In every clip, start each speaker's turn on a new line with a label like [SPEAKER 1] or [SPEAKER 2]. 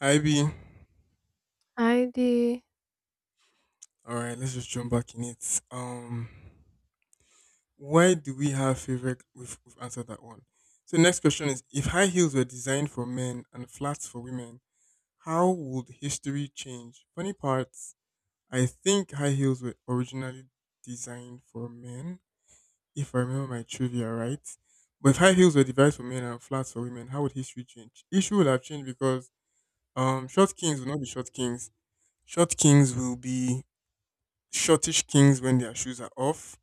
[SPEAKER 1] Hi B,
[SPEAKER 2] I ID.
[SPEAKER 1] all right, let's just jump back in it. Why do we have favorite? We've answered that one. So next question is: If high heels were designed for men and flats for women, how would history change? Funny parts. I think high heels were originally designed for men, if I remember my trivia right. But if high heels were devised for men and flats for women, how would history change? History would have changed because short kings will not be short kings. Short kings will be shortish kings when their shoes are off,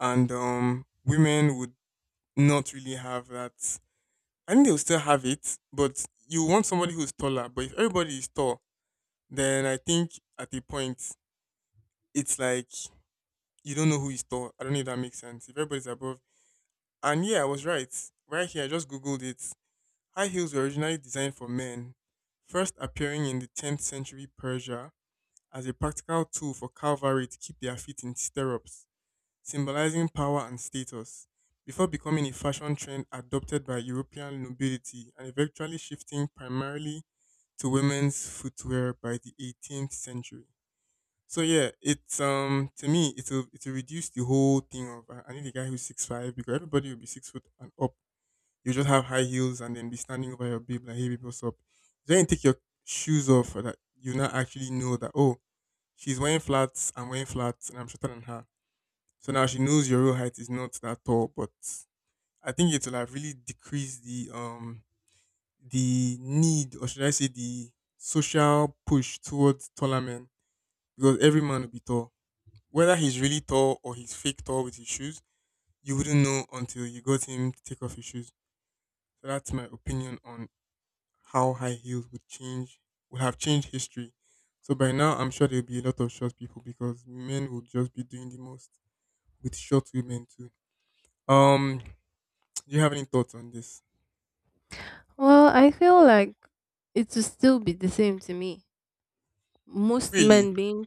[SPEAKER 1] and women would not really have that. I think they'll still have it, but you want somebody who's taller. But if everybody is tall, then I think at a point it's like you don't know who is tall. I don't know if that makes sense. If everybody's above, and yeah, I was right. Right here, I just googled it. High heels were originally designed for men, first appearing in the 10th century Persia as a practical tool for cavalry to keep their feet in stirrups, symbolizing power and status, before becoming a fashion trend adopted by European nobility and eventually shifting primarily to women's footwear by the 18th century. So yeah, it's to me it'll reduce the whole thing of I need a guy who's 6'5" because everybody will be 6 foot and up. You just have high heels and then be standing over your babe like, hey babe, what's up. Then you take your shoes off for that you now actually know that, oh, she's wearing flats, I'm wearing flats, and I'm shorter than her, so now she knows your real height is not that tall, but I think it will have really decreased the need, or should I say the social push towards taller men because every man will be tall. Whether he's really tall or he's fake tall with his shoes, you wouldn't know until you got him to take off his shoes. So that's my opinion on how high heels would have changed history. So by now I'm sure there'll be a lot of short people because men will just be doing the most with short women too. Um, Do you have any thoughts on this?
[SPEAKER 2] Well, I feel like it will still be the same to me. Most
[SPEAKER 1] Really?
[SPEAKER 2] men being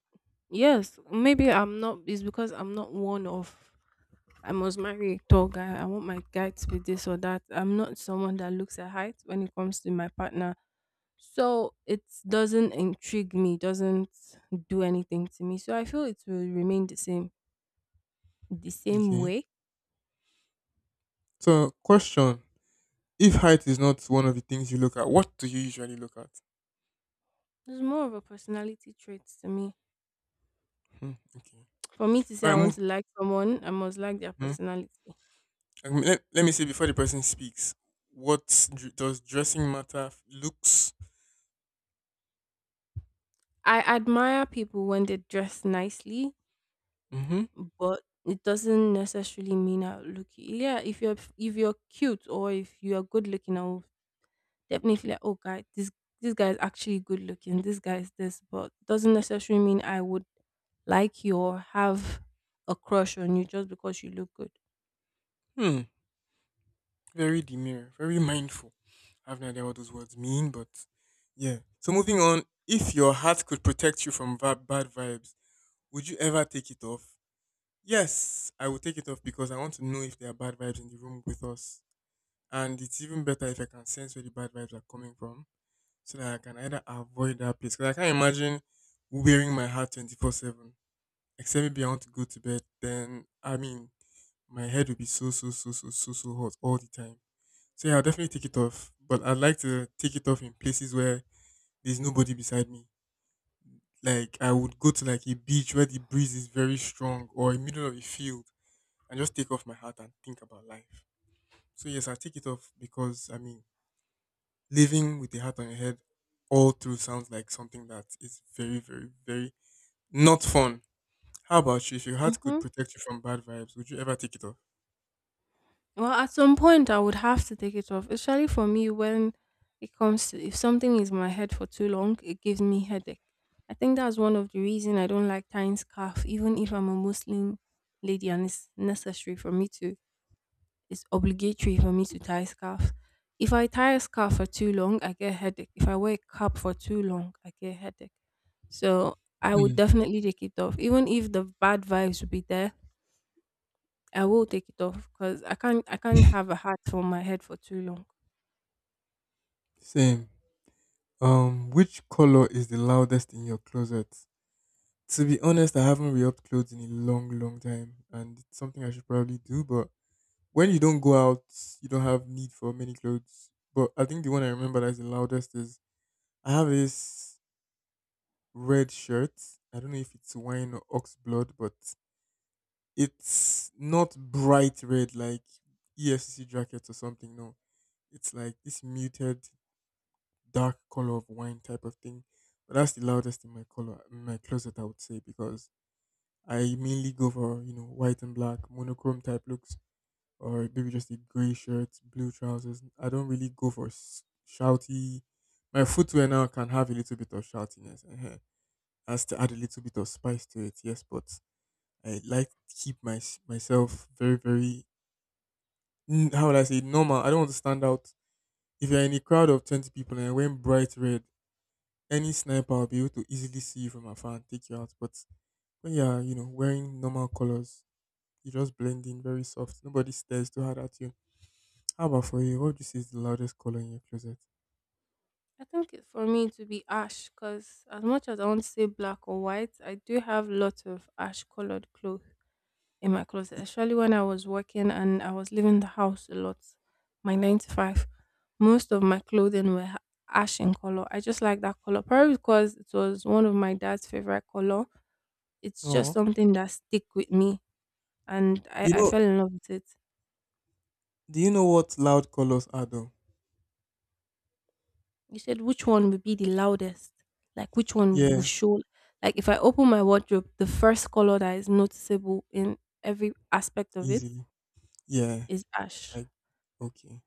[SPEAKER 2] yes, maybe I'm not. It's because I'm not one of. I must marry a tall guy. I want my guy to be this or that. I'm not someone that looks at height when it comes to my partner. So it doesn't intrigue me. Doesn't do anything to me. So I feel it will remain the same. The same
[SPEAKER 1] Okay.
[SPEAKER 2] way.
[SPEAKER 1] So, question: If height is not one of the things you look at, what do you usually look at?
[SPEAKER 2] It's more of a personality trait to me.
[SPEAKER 1] Hmm, okay.
[SPEAKER 2] For me to say
[SPEAKER 1] All right.
[SPEAKER 2] I want
[SPEAKER 1] Move.
[SPEAKER 2] to like someone, I must like their
[SPEAKER 1] Hmm.
[SPEAKER 2] personality.
[SPEAKER 1] I mean, let me say before the person speaks, what does dressing matter? Looks.
[SPEAKER 2] I admire people when they dress nicely,
[SPEAKER 1] Mm-hmm.
[SPEAKER 2] but it doesn't necessarily mean I look. Yeah, if you're cute or if you are good looking, I'll definitely like, oh guy, this guy is actually good looking. This guy is this, but doesn't necessarily mean I would like you or have a crush on you just because you look good.
[SPEAKER 1] Hmm. Very demure. Very mindful. I have no idea what those words mean, but yeah. So moving on. If your hat could protect you from bad vibes, would you ever take it off? Yes, I would take it off because I want to know if there are bad vibes in the room with us. And it's even better if I can sense where the bad vibes are coming from so that I can either avoid that place. Because I can't imagine wearing my heart 24/7. Except maybe I want to go to bed, then I mean, my head will be so, so, so, so, so, so hot all the time. So yeah, I'll definitely take it off. But I'd like to take it off in places where there's nobody beside me. Like I would go to like a beach where the breeze is very strong or in middle of a field and just take off my hat and think about life. So yes, I take it off because I mean living with a hat on your head all through sounds like something that is very, very, very not fun. How about you? If your hat could
[SPEAKER 2] Hmm.
[SPEAKER 1] protect you from bad vibes, would you ever take it off?
[SPEAKER 2] Well, at some point, I would have to take it off, especially for me when it comes to if something is in my head for too long, it gives me headache. I think that's one of the reason I don't like tying scarf, even if I'm a Muslim lady and it's necessary for me to. It's obligatory for me to tie scarf. If I tie a scarf for too long, I get headache. If I wear a cap for too long, I get headache. So I would
[SPEAKER 1] Hmm.
[SPEAKER 2] definitely take it off, even if the bad vibes would be there. I will take it off because I can't have a hat on my head for too long.
[SPEAKER 1] Same. Which color is the loudest in your closet? To be honest, I haven't re-upped clothes in a long, long time, and it's something I should probably do. But when you don't go out, you don't have need for many clothes. But I think the one I remember that's the loudest is I have this red shirt. I don't know if it's wine or ox blood, but it's not bright red like EFCC jackets or something. No, it's like this muted dark color of wine type of thing. But that's the loudest in my color in my closet, I would say, because I mainly go for white and black monochrome type looks, or maybe just a gray shirt, blue trousers. I don't really go for shouty. My footwear now can have a little bit of shoutiness, has to add a little bit of spice to it. Yes, but I like to keep my myself very very how would I say normal. I don't want to stand out. If you're in a crowd of 20 people and you're wearing bright red, any sniper will be able to easily see you from afar and take you out. But when you're, wearing normal colors, you just blend in very soft. Nobody stares too hard at you. How about for you? What would you say is the loudest color in your closet?
[SPEAKER 2] I think it- for me to be ash because as much as I want to say black or white, I do have lots of ash colored clothes in my closet. Especially when I was working and I was leaving the house a lot, my nine to five, most of my clothing were ha- ash in color. I just like that color probably because it was one of my dad's favorite color. It's just
[SPEAKER 1] Oh,
[SPEAKER 2] something that stick with me, and I
[SPEAKER 1] you
[SPEAKER 2] I
[SPEAKER 1] know,
[SPEAKER 2] fell in love with it.
[SPEAKER 1] do you know what loud colors are though?
[SPEAKER 2] You said which one would be the loudest? Like which one will
[SPEAKER 1] Yeah,
[SPEAKER 2] show? Like if I open my wardrobe, the first color that is noticeable in every aspect of it
[SPEAKER 1] easily. Yeah,
[SPEAKER 2] is ash.
[SPEAKER 1] like, okay,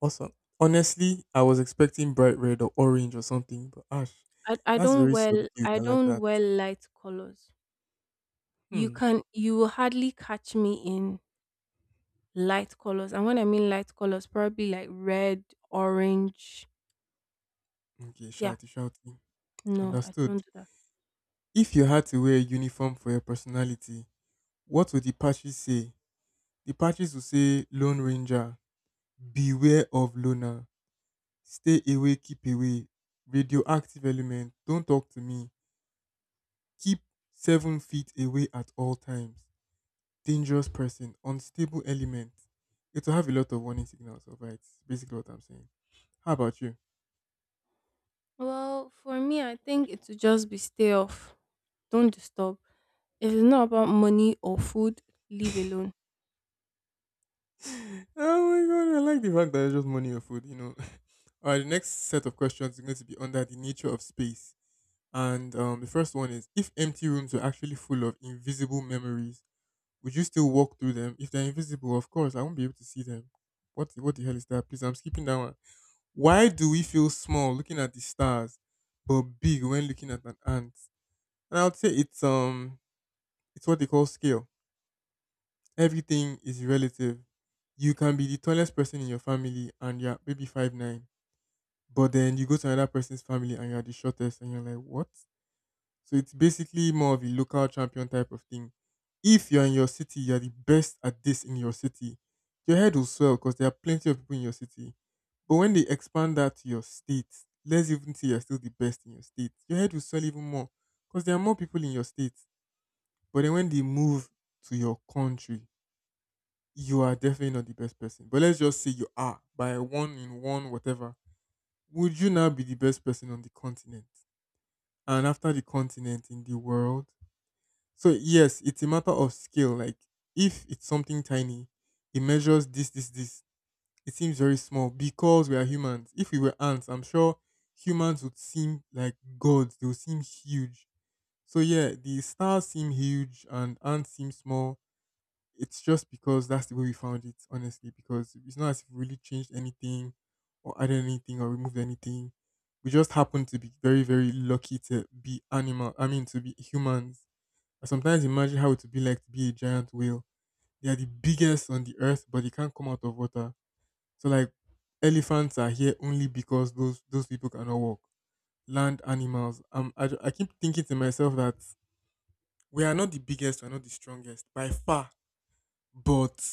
[SPEAKER 1] awesome. Honestly, I was expecting bright red or orange or something, but ash,
[SPEAKER 2] I
[SPEAKER 1] that's
[SPEAKER 2] don't
[SPEAKER 1] very
[SPEAKER 2] wear
[SPEAKER 1] subdued.
[SPEAKER 2] I
[SPEAKER 1] I like
[SPEAKER 2] don't
[SPEAKER 1] that.
[SPEAKER 2] wear light colors. You
[SPEAKER 1] Hmm.
[SPEAKER 2] can you will hardly catch me in light colors. And when I mean light colors, probably like red, orange.
[SPEAKER 1] Okay,
[SPEAKER 2] Yeah.
[SPEAKER 1] shouty, shouty.
[SPEAKER 2] No, I
[SPEAKER 1] Understood.
[SPEAKER 2] don't do that.
[SPEAKER 1] If you had to wear a uniform for your personality, what would the patches say? The patches would say Lone Ranger, beware of loner, stay away, keep away, radioactive element, don't talk to me, keep 7 feet away at all times, dangerous person, unstable element. It will have a lot of warning signals, alright? Basically what I'm saying. How about you?
[SPEAKER 2] Well, for me, I think it would just be stay off. Don't disturb. If it's not about money or food, leave alone.
[SPEAKER 1] Oh my god, I like the fact that it's just money or food. All right, the next set of questions is going to be under the nature of space. And the first one is if empty rooms were actually full of invisible memories, would you still walk through them? If they're invisible, of course, I won't be able to see them. What the hell is that? Please, I'm skipping that one. Why do we feel small looking at the stars, but big when looking at an ant? And I would say it's what they call scale. Everything is relative. You can be the tallest person in your family and you're maybe 5'9", but then you go to another person's family and you're the shortest, and you're like, what? So it's basically more of a local champion type of thing. If you're in your city, you're the best at this in your city. Your head will swell because there are plenty of people in your city. But when they expand that to your state, let's even say you're still the best in your state, your head will swell even more because there are more people in your state. But then when they move to your country, you are definitely not the best person. But let's just say you are by one in one, whatever. Would you now be the best person on the continent? And after the continent in the world? So, yes, it's a matter of scale. Like, if it's something tiny, it measures this, this, this. It seems very small because we are humans. If we were ants, I'm sure humans would seem like gods. They would seem huge. So, yeah, the stars seem huge and ants seem small, it's just because that's the way we found it, honestly, because it's not as if we really changed anything or added anything or removed anything. We just happened to be very, very lucky to be animal. I mean, to be humans. I sometimes imagine how it would be like to be a giant whale. They are the biggest on the earth, but they can't come out of water. So, like, elephants are here only because those people cannot walk. Land animals. I keep thinking to myself that we are not the biggest, we are not the strongest by far, but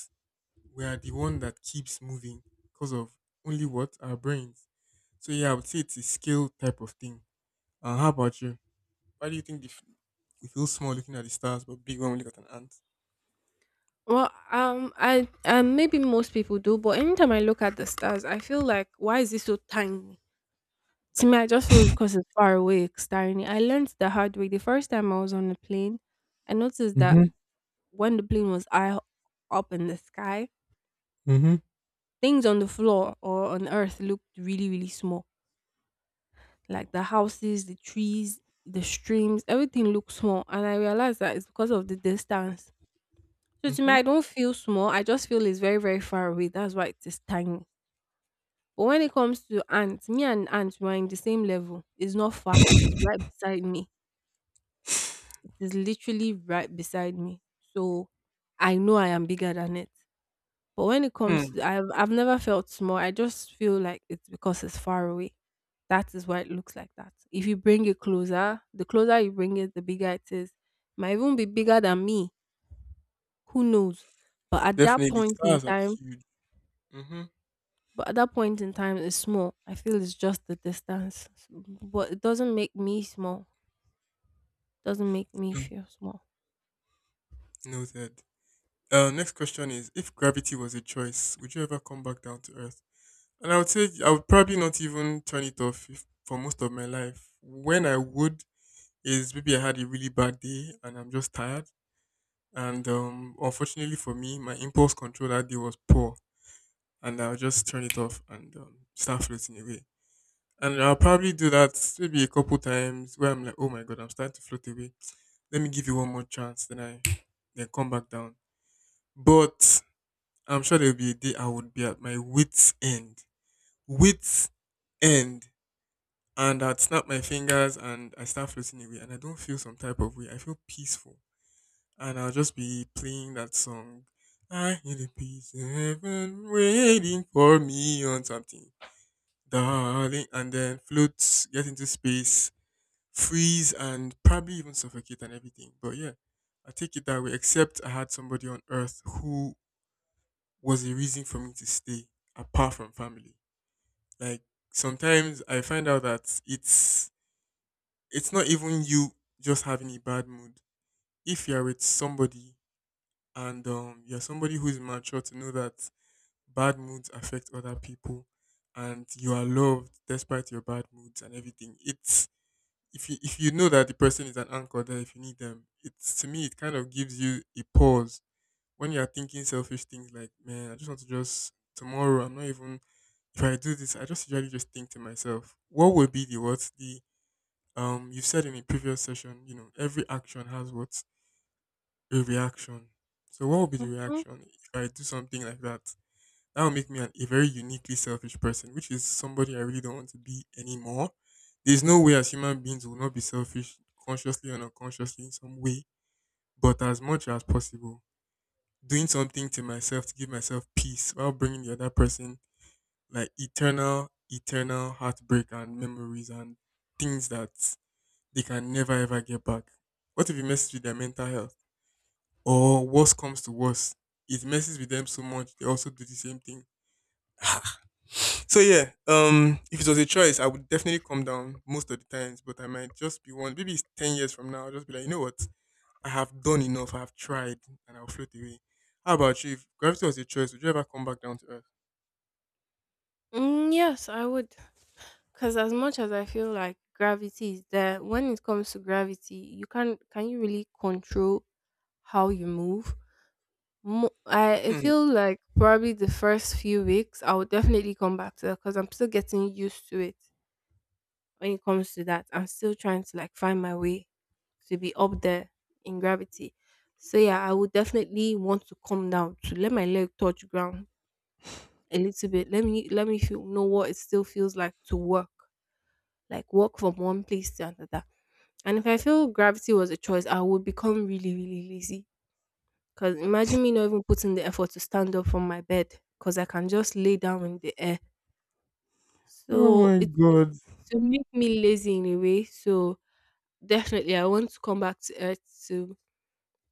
[SPEAKER 1] we are the one that keeps moving because of only what our brains. So yeah, I would say it's a skill type of thing. How about you? Why do you think we feel small looking at the stars, but big when we look at an ant?
[SPEAKER 2] Well, I maybe most people do, but anytime I look at the stars, I feel like, why is it so tiny? To me, I just feel because it's far away, it's staring. I learned the hard way. The first time I was on a plane, I noticed that
[SPEAKER 1] Mm-hmm.
[SPEAKER 2] when the plane was high up in the sky,
[SPEAKER 1] Mm-hmm.
[SPEAKER 2] things on the floor or on Earth looked really, really small. Like the houses, the trees, the streams, everything looked small, and I realized that it's because of the distance. So to me,
[SPEAKER 1] Mm-hmm.
[SPEAKER 2] I don't feel small. I just feel it's very, very far away. That's why it is tiny. But when it comes to aunt, me and aunt we are in the same level. It's not far. It's right beside me. It is literally right beside me. So I know I am bigger than it. But when it comes
[SPEAKER 1] Hmm.
[SPEAKER 2] to I've never felt small. I just feel like it's because it's far away. That is why it looks like that. If you bring it closer, the closer you bring it, the bigger it is. Might even be bigger than me. Who knows? But at that
[SPEAKER 1] Definitely,
[SPEAKER 2] point in
[SPEAKER 1] stars are
[SPEAKER 2] time,
[SPEAKER 1] huge. Mm-hmm.
[SPEAKER 2] But at that point in time, it's small. I feel it's just the distance, S- but it doesn't make me small. Doesn't make me
[SPEAKER 1] Mm.
[SPEAKER 2] feel small.
[SPEAKER 1] Noted. Next question is: If gravity was a choice, would you ever come back down to Earth? And I would say I would probably not even turn it off if, for most of my life. When I would is maybe I had a really bad day and I'm just tired. And unfortunately for me, my impulse control that day was poor, and I'll just turn it off and start floating away. And I'll probably do that maybe a couple times where I'm like, oh my god, I'm starting to float away. Let me give you one more chance. Then I then come back down. But I'm sure there'll be a day I would be at my wits end, and I'd snap my fingers and I start floating away. And I don't feel some type of way. I feel peaceful. And I'll just be playing that song. I hear the peace in heaven waiting for me on something, darling, and then float, get into space, freeze, and probably even suffocate and everything. But yeah, I take it that way. Except I had somebody on Earth who was a reason for me to stay, apart from family. Like sometimes I find out that it's not even you just having a bad mood. If you're with somebody and you're somebody who is mature to know that bad moods affect other people, and you are loved despite your bad moods and everything. It's if you know that the person is an anchor there if you need them. It's to me it kind of gives you a pause when you are thinking selfish things like, man, I just want to just tomorrow. I'm not even if I do this, I just usually just think to myself, what would be the what the you said in a previous session, every action has what, a reaction. So what would be the
[SPEAKER 2] Hmm.
[SPEAKER 1] reaction if I do something like that? That would make me a very uniquely selfish person, which is somebody I really don't want to be anymore. There's no way as human beings will not be selfish consciously and unconsciously in some way, but as much as possible, doing something to myself to give myself peace while bringing the other person like eternal, eternal heartbreak and memories and things that they can never ever get back. What if it messes with their mental health? Or worse comes to worst, it messes with them so much they also do the same thing. So yeah, if it was a choice, I would definitely come down most of the times, but I might just be one. Maybe it's 10 years from now. I'll just be like, you know what? I have done enough. I have tried, and I'll float away. How about you? If gravity was a choice, would you ever come back down to earth?
[SPEAKER 2] Mm, yes, I would, because as much as I feel like gravity is there, when it comes to gravity, you can you really control how you move? Mo- I
[SPEAKER 1] Hmm.
[SPEAKER 2] feel like probably the first few weeks I would definitely come back to that because I'm still getting used to it. When it comes to that. I'm still trying to like find my way to be up there in gravity. So yeah, I would definitely want to come down to let my leg touch ground a little bit. Let me feel know what it still feels like to work, like walk from one place to another. And if I feel gravity was a choice, I would become really really lazy. Cause imagine me not even putting the effort to stand up from my bed, cause I can just lay down in the air.
[SPEAKER 1] Oh
[SPEAKER 2] So
[SPEAKER 1] my
[SPEAKER 2] it,
[SPEAKER 1] god!
[SPEAKER 2] it will make me lazy in a way. So definitely, I want to come back to earth to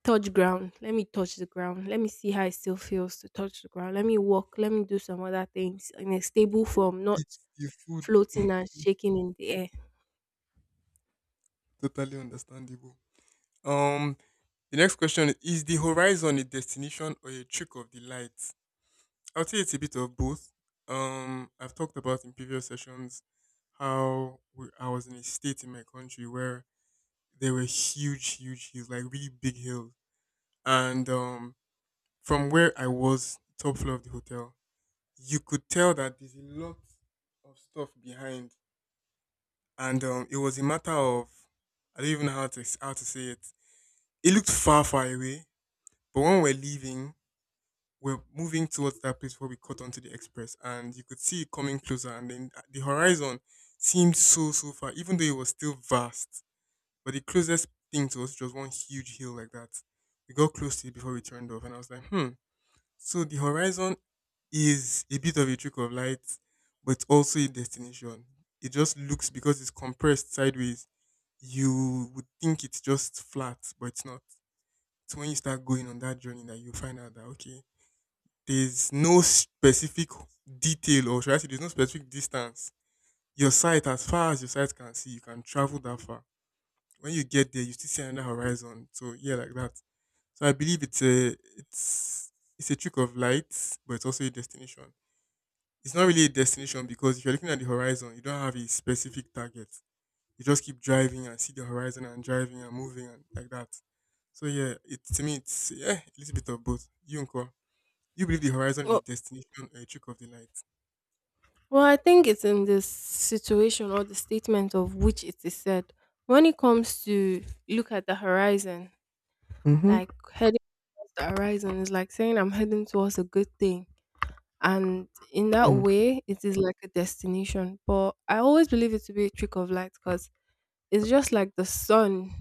[SPEAKER 2] touch ground. Let me touch the ground. Let me see how it still feels to touch the ground. Let me walk. Let me do some other things in a stable form, not
[SPEAKER 1] Eat the food.
[SPEAKER 2] floating and shaking in the air.
[SPEAKER 1] Totally understandable. Um, the next question is the horizon a destination or a trick of the light? I'll say it's a bit of both. I've talked about in previous sessions how I was in a state in my country where there were huge, huge hills, like really big hills. And From where I was, top floor of the hotel, you could tell that there's a lot of stuff behind. And It was a matter of, I don't even know how to say it. It looked far, far away. But when we're leaving, we're moving towards that place where we cut onto the express and you could see it coming closer, and then the horizon seemed so so far, even though it was still vast, but the closest thing to us was one huge hill like that. We got close to it before we turned off and I was like, hmm, so the horizon is a bit of a trick of light, but also a destination. It just looks, because it's compressed sideways, you would think it's just flat, but it's not. It's when you start going on that journey that you find out that okay, there's no specific detail, or should I say there's no specific distance. Your sight, as far as your sight can see, you can travel that far. When you get there, you still see another horizon. So yeah, like that. So I believe it's a trick of light, but it's also a destination. It's not really a destination because if you're looking at the horizon, you don't have a specific target. You just keep driving and see the horizon and driving and moving and like that. So yeah, it to me it's yeah a little bit of both. You, and you believe the horizon is a
[SPEAKER 2] Well,
[SPEAKER 1] destination or a trick of the light?
[SPEAKER 2] well I think it's in this situation or the statement of which it is said. When it comes to look at the horizon,
[SPEAKER 1] Mm-hmm.
[SPEAKER 2] like heading towards the horizon is like saying I'm heading towards a good thing, and in that
[SPEAKER 1] Mm.
[SPEAKER 2] way it is like a destination, but I always believe it to be a trick of light because it's just like the sun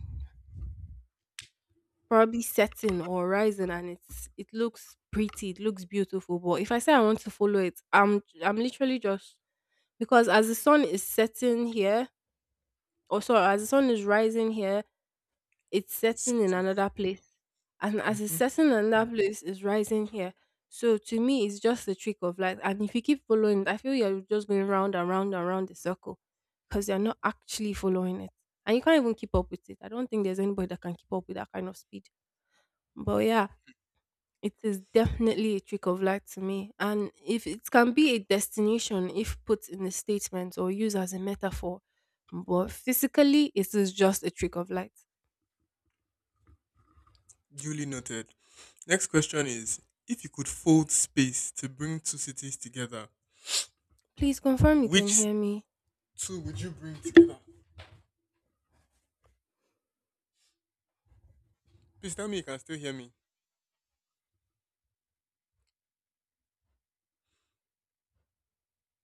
[SPEAKER 2] probably setting or rising and it's it looks pretty it looks beautiful but if I say I want to follow it I'm literally just because as the sun is setting here or sorry as the sun is rising here it's
[SPEAKER 1] It's
[SPEAKER 2] setting in
[SPEAKER 1] certain.
[SPEAKER 2] another place. And as it's
[SPEAKER 1] Hmm.
[SPEAKER 2] setting in another place, it's rising here. So to me, it's just the trick of life. And if you keep following it, I feel you're just going round and round and round the circle because you're not actually following it. And you can't even keep up with it. I don't think there's anybody that can keep up with that kind of speed. But yeah, it is definitely a trick of light to me. And if it can be a destination if put in a statement or used as a metaphor, but physically, it is just a trick of light.
[SPEAKER 1] Duly noted. Next question is if you could fold space to bring two cities together,
[SPEAKER 2] Please confirm you can
[SPEAKER 1] which
[SPEAKER 2] hear me.
[SPEAKER 1] two would you bring together? Please tell me you can still hear me.